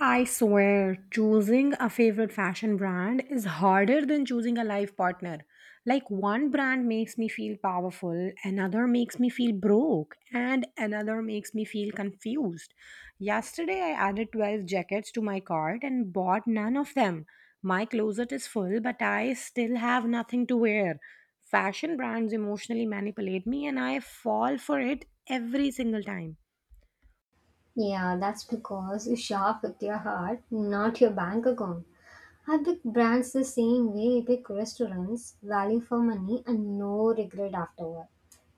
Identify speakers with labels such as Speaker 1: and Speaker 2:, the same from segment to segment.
Speaker 1: I swear, choosing a favorite fashion brand is harder than choosing a life partner. Like, one brand makes me feel powerful, another makes me feel broke, and another makes me feel confused. Yesterday, I added 12 jackets to my cart and bought none of them. My closet is full, but I still have nothing to wear. Fashion brands emotionally manipulate me, and I fall for it every single time.
Speaker 2: Yeah, that's because you shop with your heart, not your bank account. I pick brands the same way I pick restaurants, value for money and no regret afterward.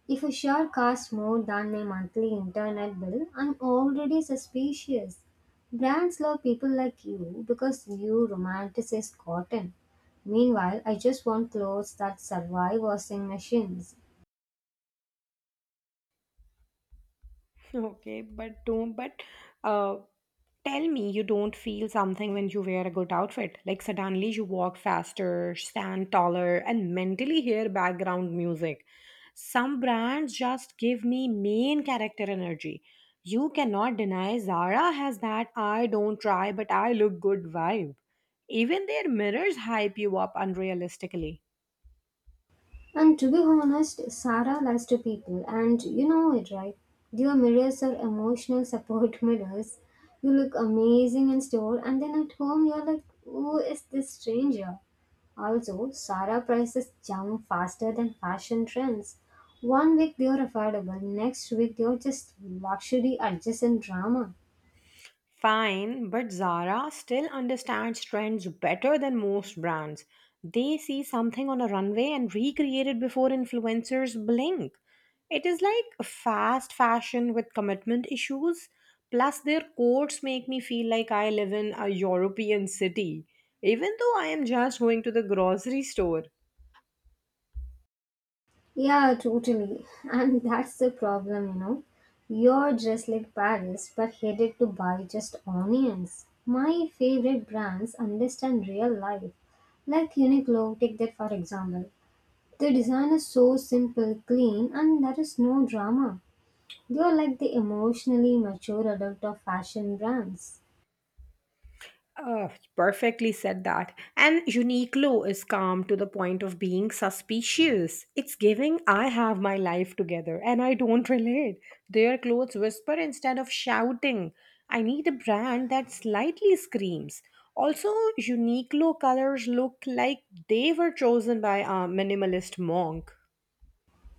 Speaker 2: If a shirt costs more than my monthly internet bill, I'm already suspicious. Brands love people like you because you romanticize cotton. Meanwhile, I just want clothes that survive washing machines.
Speaker 1: Okay, but don't, but uh, Tell me you don't feel something when you wear a good outfit. Like suddenly you walk faster, stand taller, and mentally hear background music. Some brands just give me main character energy. You cannot deny Zara has that I don't try but I look good vibe. Even their mirrors hype you up unrealistically.
Speaker 2: And to be honest, Sarah lies to people, and you know it, right? Their mirrors are emotional support mirrors. You look amazing in store, and then at home, you're like, who is this stranger? Also, Sarah prices jump faster than fashion trends. One week they're affordable, next week they're just luxury adjacent drama.
Speaker 1: Fine, but Zara still understands trends better than most brands. They see something on a runway and recreate it before influencers blink. It is like fast fashion with commitment issues. Plus, their coats make me feel like I live in a European city, even though I am just going to the grocery store.
Speaker 2: Yeah, totally. And that's the problem, you know. You're dressed like Paris but headed to buy just onions. My favorite brands understand real life. Like Uniqlo, take that for example. The design is so simple, clean, and there is no drama. They are like the emotionally mature adult of fashion brands.
Speaker 1: Oh, perfectly said that. And Uniqlo is calm to the point of being suspicious. It's giving I have my life together and I don't relate. Their clothes whisper instead of shouting. I need a brand that slightly screams. Also, Uniqlo colors look like they were chosen by a minimalist monk.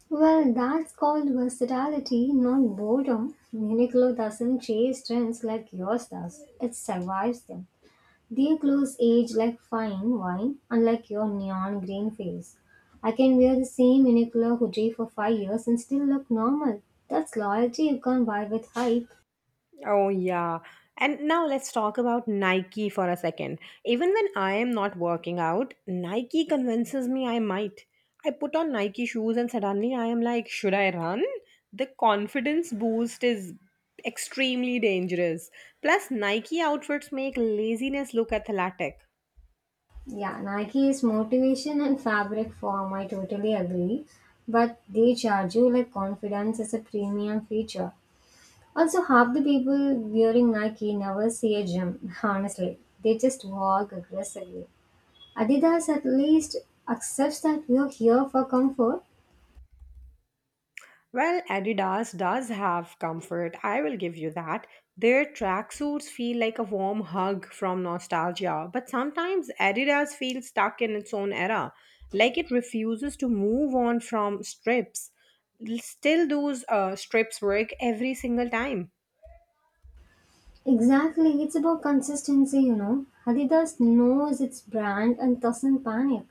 Speaker 2: Well, that's called versatility, not boredom. Uniqlo doesn't chase trends like yours does, it survives them. Their clothes age like fine wine, unlike your neon green face. I can wear the same unicolor hoodie for 5 years and still look normal. That's loyalty you can't buy with hype.
Speaker 1: Oh, yeah. And now let's talk about Nike for a second. Even when I am not working out, Nike convinces me I might. I put on Nike shoes and suddenly I am like, should I run? The confidence boost is extremely dangerous. Plus, Nike outfits make laziness look athletic.
Speaker 2: Yeah, Nike is motivation and fabric form, I totally agree. But they charge you like confidence as a premium feature. Also, half the people wearing Nike never see a gym, honestly. They just walk aggressively. Adidas at least accepts that we're here for comfort.
Speaker 1: Well, Adidas does have comfort, I will give you that. Their tracksuits feel like a warm hug from nostalgia, but sometimes Adidas feels stuck in its own era, like it refuses to move on from strips. Still, those strips work every single time.
Speaker 2: Exactly, it's about consistency, you know. Adidas knows its brand and doesn't panic.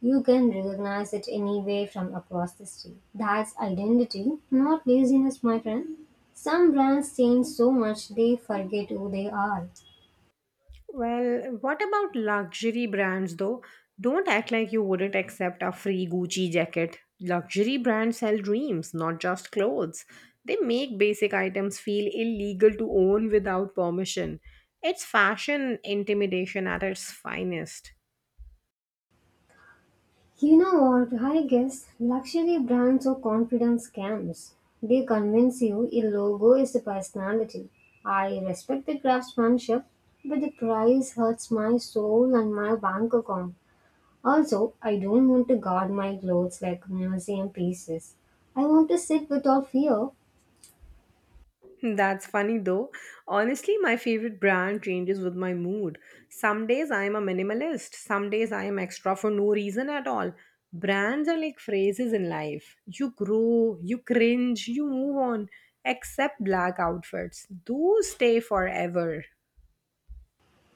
Speaker 2: You can recognize it anywhere from across the street. That's identity, not laziness, my friend. Some brands change so much they forget who they are.
Speaker 1: Well, what about luxury brands though? Don't act like you wouldn't accept a free Gucci jacket. Luxury brands sell dreams, not just clothes. They make basic items feel illegal to own without permission. It's fashion intimidation at its finest.
Speaker 2: You know what? I guess luxury brands are confidence scams. They convince you a logo is a personality. I respect the craftsmanship, but the price hurts my soul and my bank account. Also, I don't want to guard my clothes like museum pieces. I want to sit without fear.
Speaker 1: That's funny though. Honestly, my favorite brand changes with my mood. Some days I am a minimalist, some days I am extra for no reason at all. Brands are like phrases in life. You grow, you cringe, you move on. Except black outfits, those stay forever.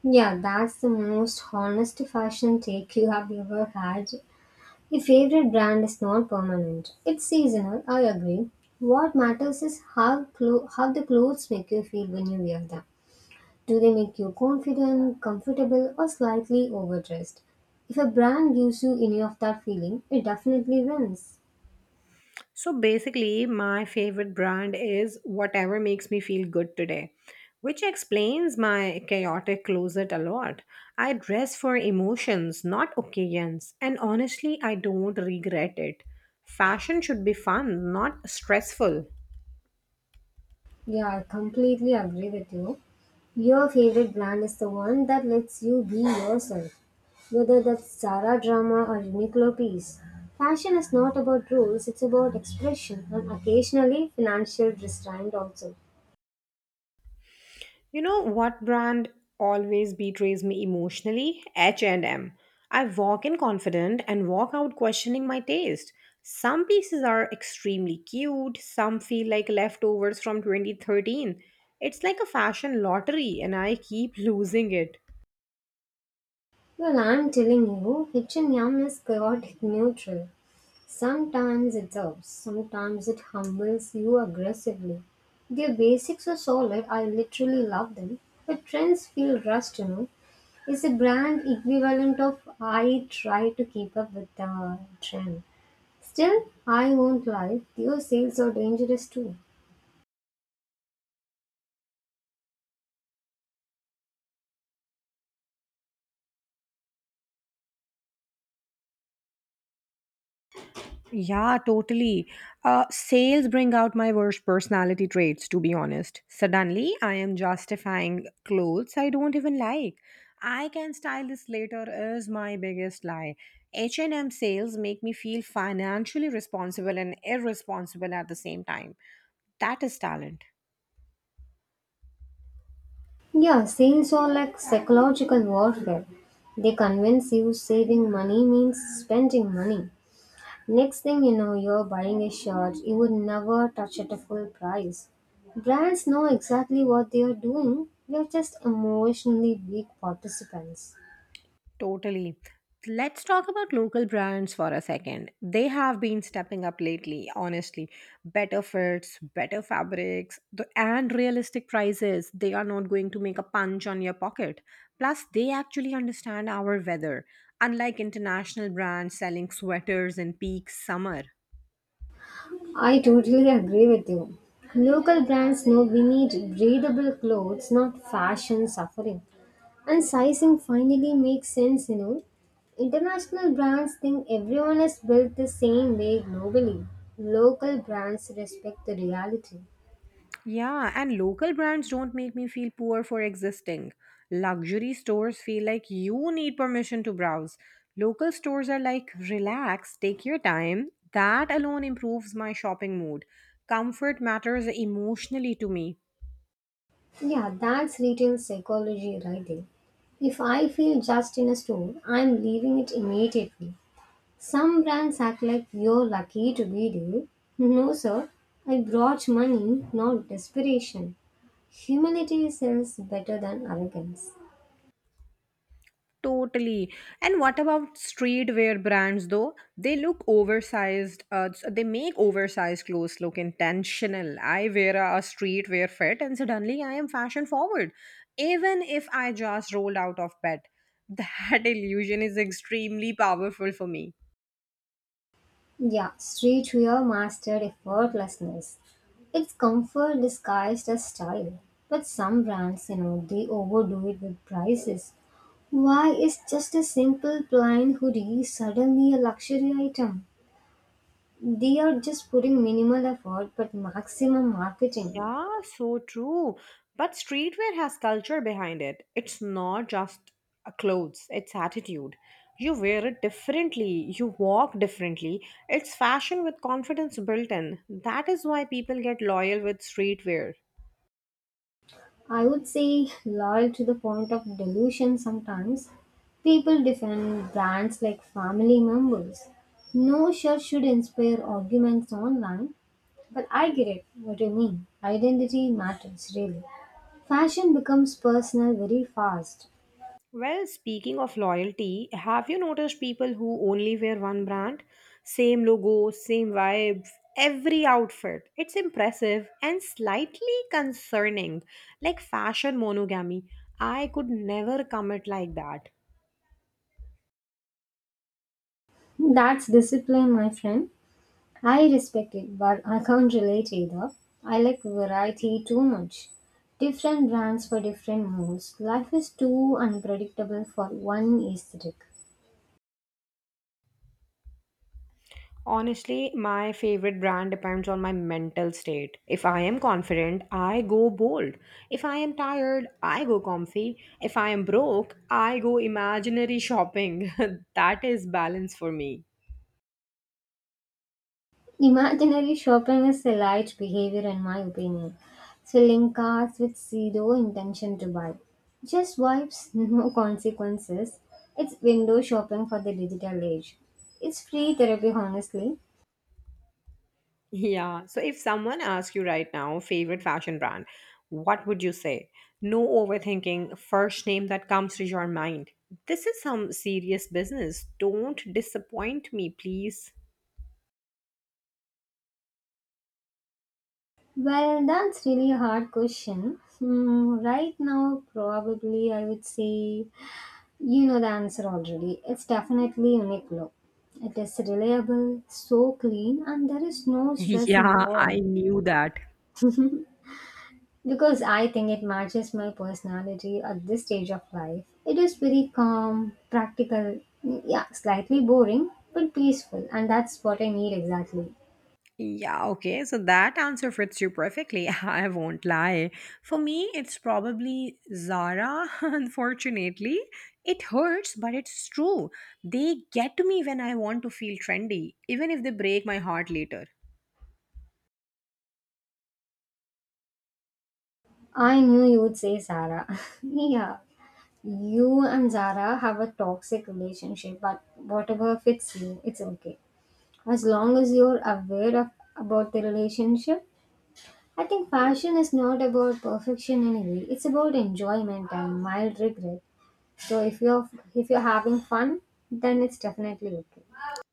Speaker 2: Yeah, that's the most honest fashion take you have ever had. Your favorite brand is not permanent. It's seasonal, I agree. What matters is how the clothes make you feel when you wear them. Do they make you confident, comfortable, or slightly overdressed? If a brand gives you any of that feeling, it definitely wins.
Speaker 1: So basically, my favorite brand is whatever makes me feel good today, which explains my chaotic closet a lot. I dress for emotions, not occasions, and honestly, I don't regret it. Fashion should be fun, not stressful.
Speaker 2: Yeah, I completely agree with you. Your favorite brand is the one that lets you be yourself, whether that's Zara drama or Uniqlo piece. Fashion is not about rules, it's about expression and occasionally financial restraint also.
Speaker 1: You know what brand always betrays me emotionally? H and M. I walk in confident and walk out questioning my taste. Some pieces are extremely cute, some feel like leftovers from 2013. It's like a fashion lottery and I keep losing it.
Speaker 2: Well, I'm telling you, H&M is chaotic neutral. Sometimes it helps, sometimes it humbles you aggressively. Their basics are solid, I literally love them. But trends feel rushed, you know. It's a brand equivalent of I try to keep up with the trend. Still, I won't lie, their sales are dangerous too.
Speaker 1: Yeah, totally. Sales bring out my worst personality traits, to be honest. Suddenly, I am justifying clothes I don't even like. I can style this later is my biggest lie. H&M sales make me feel financially responsible and irresponsible at the same time. That is talent.
Speaker 2: Yeah, sales are like psychological warfare. They convince you saving money means spending money. Next thing you know, you're buying a shirt you would never touch at a full price. Brands know exactly what they are doing. We are just emotionally weak participants.
Speaker 1: Totally. Let's talk about local brands for a second. They have been stepping up lately, honestly. Better fits, better fabrics, and realistic prices. They are not going to make a punch on your pocket. Plus, they actually understand our weather, unlike international brands selling sweaters in peak summer.
Speaker 2: I totally agree with you. Local brands know we need breathable clothes, not fashion suffering. And sizing finally makes sense, you know. International brands think everyone is built the same way globally. Local brands respect the reality.
Speaker 1: Yeah, and local brands don't make me feel poor for existing. Luxury stores feel like you need permission to browse. Local stores are like, relax, take your time. That alone improves my shopping mood. Comfort matters emotionally to me.
Speaker 2: Yeah, that's retail psychology right there. If I feel judged in a store, I'm leaving it immediately. Some brands act like you're lucky to be there. No, sir, I brought money, not desperation. Humility sells better than arrogance.
Speaker 1: Totally. And what about streetwear brands though? They look oversized. They make oversized clothes look intentional. I wear a streetwear fit and suddenly I am fashion forward. Even if I just rolled out of bed. That illusion is extremely powerful for me.
Speaker 2: Yeah, streetwear mastered effortlessness. It's comfort disguised as style. But some brands, you know, they overdo it with prices. Why is just a simple plain hoodie suddenly a luxury item? They are just putting minimal effort but maximum marketing.
Speaker 1: Yeah, so true. But streetwear has culture behind it. It's not just a clothes, it's attitude. You wear it differently, you walk differently. It's fashion with confidence built in. That is why people get loyal with streetwear.
Speaker 2: I would say loyal to the point of delusion sometimes. People defend brands like family members. No shirt should inspire arguments online, but I get it what you mean. Identity matters really. Fashion becomes personal very fast.
Speaker 1: Well, speaking of loyalty, have you noticed people who only wear one brand? Same logo, same vibe, every outfit. It's impressive and slightly concerning, like fashion monogamy. I could never commit like that.
Speaker 2: That's discipline, my friend. I respect it, but I can't relate either. I like variety too much. Different brands for different moods. Life is too unpredictable for one aesthetic.
Speaker 1: Honestly, my favorite brand depends on my mental state. If I am confident, I go bold. If I am tired, I go comfy. If I am broke, I go imaginary shopping. That is balance for me.
Speaker 2: Imaginary shopping is a light behavior, in my opinion. Filling carts with zero intention to buy. Just vibes, no consequences. It's window shopping for the digital age. It's free therapy, honestly.
Speaker 1: Yeah. So if someone asks you right now, favorite fashion brand, what would you say? No overthinking, first name that comes to your mind. This is some serious business. Don't disappoint me, please.
Speaker 2: Well, that's really a hard question. Right now, probably I would say you know the answer already. It's definitely Uniqlo. It is reliable, so clean, and there is no stress
Speaker 1: Yeah, I
Speaker 2: involved.
Speaker 1: knew that.
Speaker 2: Because I think it matches my personality at this stage of life. It is very calm, practical, yeah, slightly boring, but peaceful, and that's what I need exactly.
Speaker 1: Yeah, okay. So that answer fits you perfectly. I won't lie. For me, it's probably Zara, unfortunately. It hurts, but it's true. They get to me when I want to feel trendy, even if they break my heart later.
Speaker 2: I knew you would say Sarah. Yeah. You and Zara have a toxic relationship, but whatever fits you, it's okay. As long as you're aware of about the relationship, I think fashion is not about perfection anyway. It's about enjoyment and mild regret. So if you're having fun, then it's definitely okay.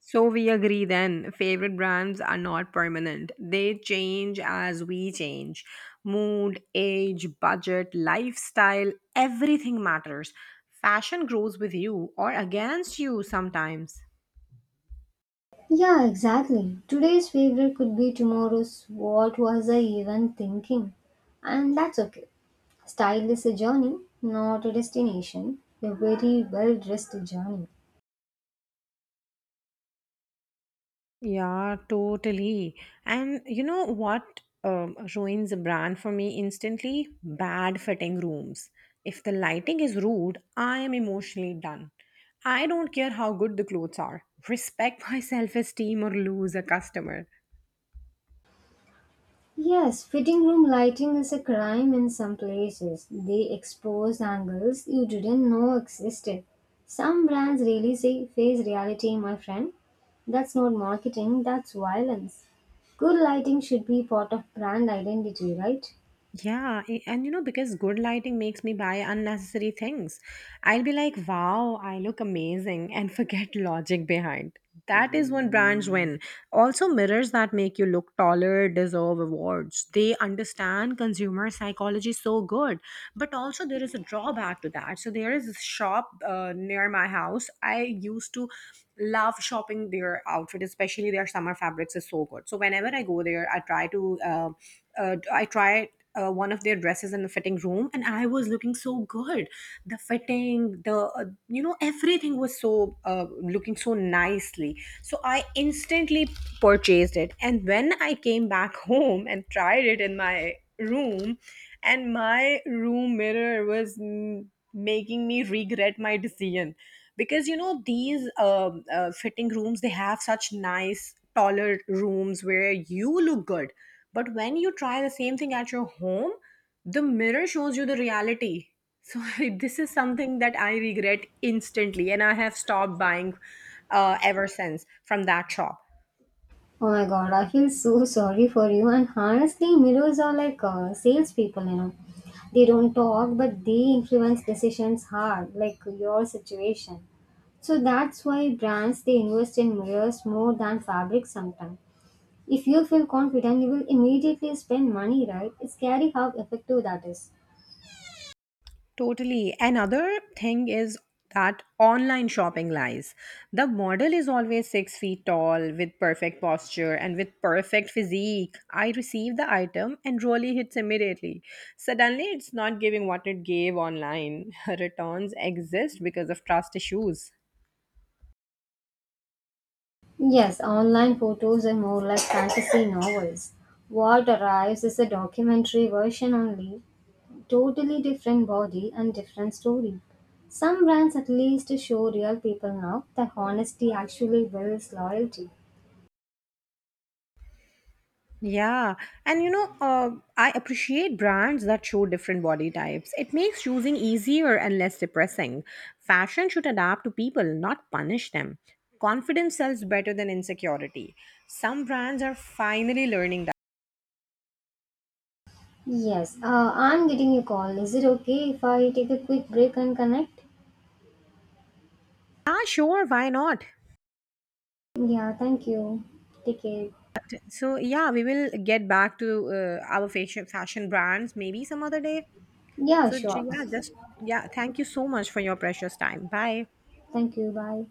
Speaker 1: So we agree then, favorite brands are not permanent. They change as we change. Mood, age, budget, lifestyle, everything matters. Fashion grows with you or against you sometimes.
Speaker 2: Yeah, exactly. Today's favorite could be tomorrow's what was I even thinking? And that's okay. Style is a journey, not a destination. A very well dressed journey.
Speaker 1: Yeah, totally. And you know what ruins a brand for me instantly? Bad fitting rooms. If the lighting is rude, I am emotionally done. I don't care how good the clothes are. Respect my self esteem or lose a customer.
Speaker 2: Yes, fitting room lighting is a crime in some places. They expose angles you didn't know existed. Some brands really say face reality, my friend. That's not marketing, that's violence. Good lighting should be part of brand identity, right?
Speaker 1: Yeah, and you know, because good lighting makes me buy unnecessary things. I'll be like, wow, I look amazing, and forget logic behind. That is one brands win. Also, mirrors that make you look taller deserve awards. They understand consumer psychology so good. But also, there is a drawback to that. So, there is a shop near my house. I used to love shopping their outfit, especially their summer fabrics is so good. So, whenever I go there, I try to. I try one of their dresses in the fitting room, and I was looking so good. The fitting the You know, everything was so looking so nicely, so I instantly purchased it. And when I came back home and tried it in my room, and my room mirror was making me regret my decision. Because, you know, these fitting rooms, they have such nice taller rooms where you look good, but when you try the same thing at your home, the mirror shows you the reality. So this is something that I regret instantly, and I have stopped buying ever since from that shop.
Speaker 2: Oh my god, I feel so sorry for you. And honestly, mirrors are like salespeople, you know. They don't talk, but they influence decisions hard, like your situation. So that's why brands they invest in mirrors more than fabric sometimes. If you feel confident, you will immediately spend money, right? It's scary how effective that is.
Speaker 1: Totally. Another thing is that online shopping lies. The model is always 6 feet tall with perfect posture and with perfect physique. I receive the item and really hits immediately. Suddenly, it's not giving what it gave online. Returns exist because of trust issues.
Speaker 2: Yes, online photos are more like fantasy novels. What arrives is a documentary version only. Totally different body and different story. Some brands at least show real people now that honesty actually builds loyalty.
Speaker 1: Yeah, and you know, I appreciate brands that show different body types. It makes choosing easier and less depressing. Fashion should adapt to people, not punish them. Confidence sells better than insecurity. Some brands are finally learning that.
Speaker 2: Yes, I'm getting a call. Is it okay if I take a quick break and connect?
Speaker 1: Ah, sure, why not?
Speaker 2: Yeah, thank you. Take care.
Speaker 1: So, yeah, we will get back to our fashion brands maybe some other day.
Speaker 2: Yeah,
Speaker 1: So,
Speaker 2: sure.
Speaker 1: thank you so much for your precious time. Bye.
Speaker 2: Thank you. Bye.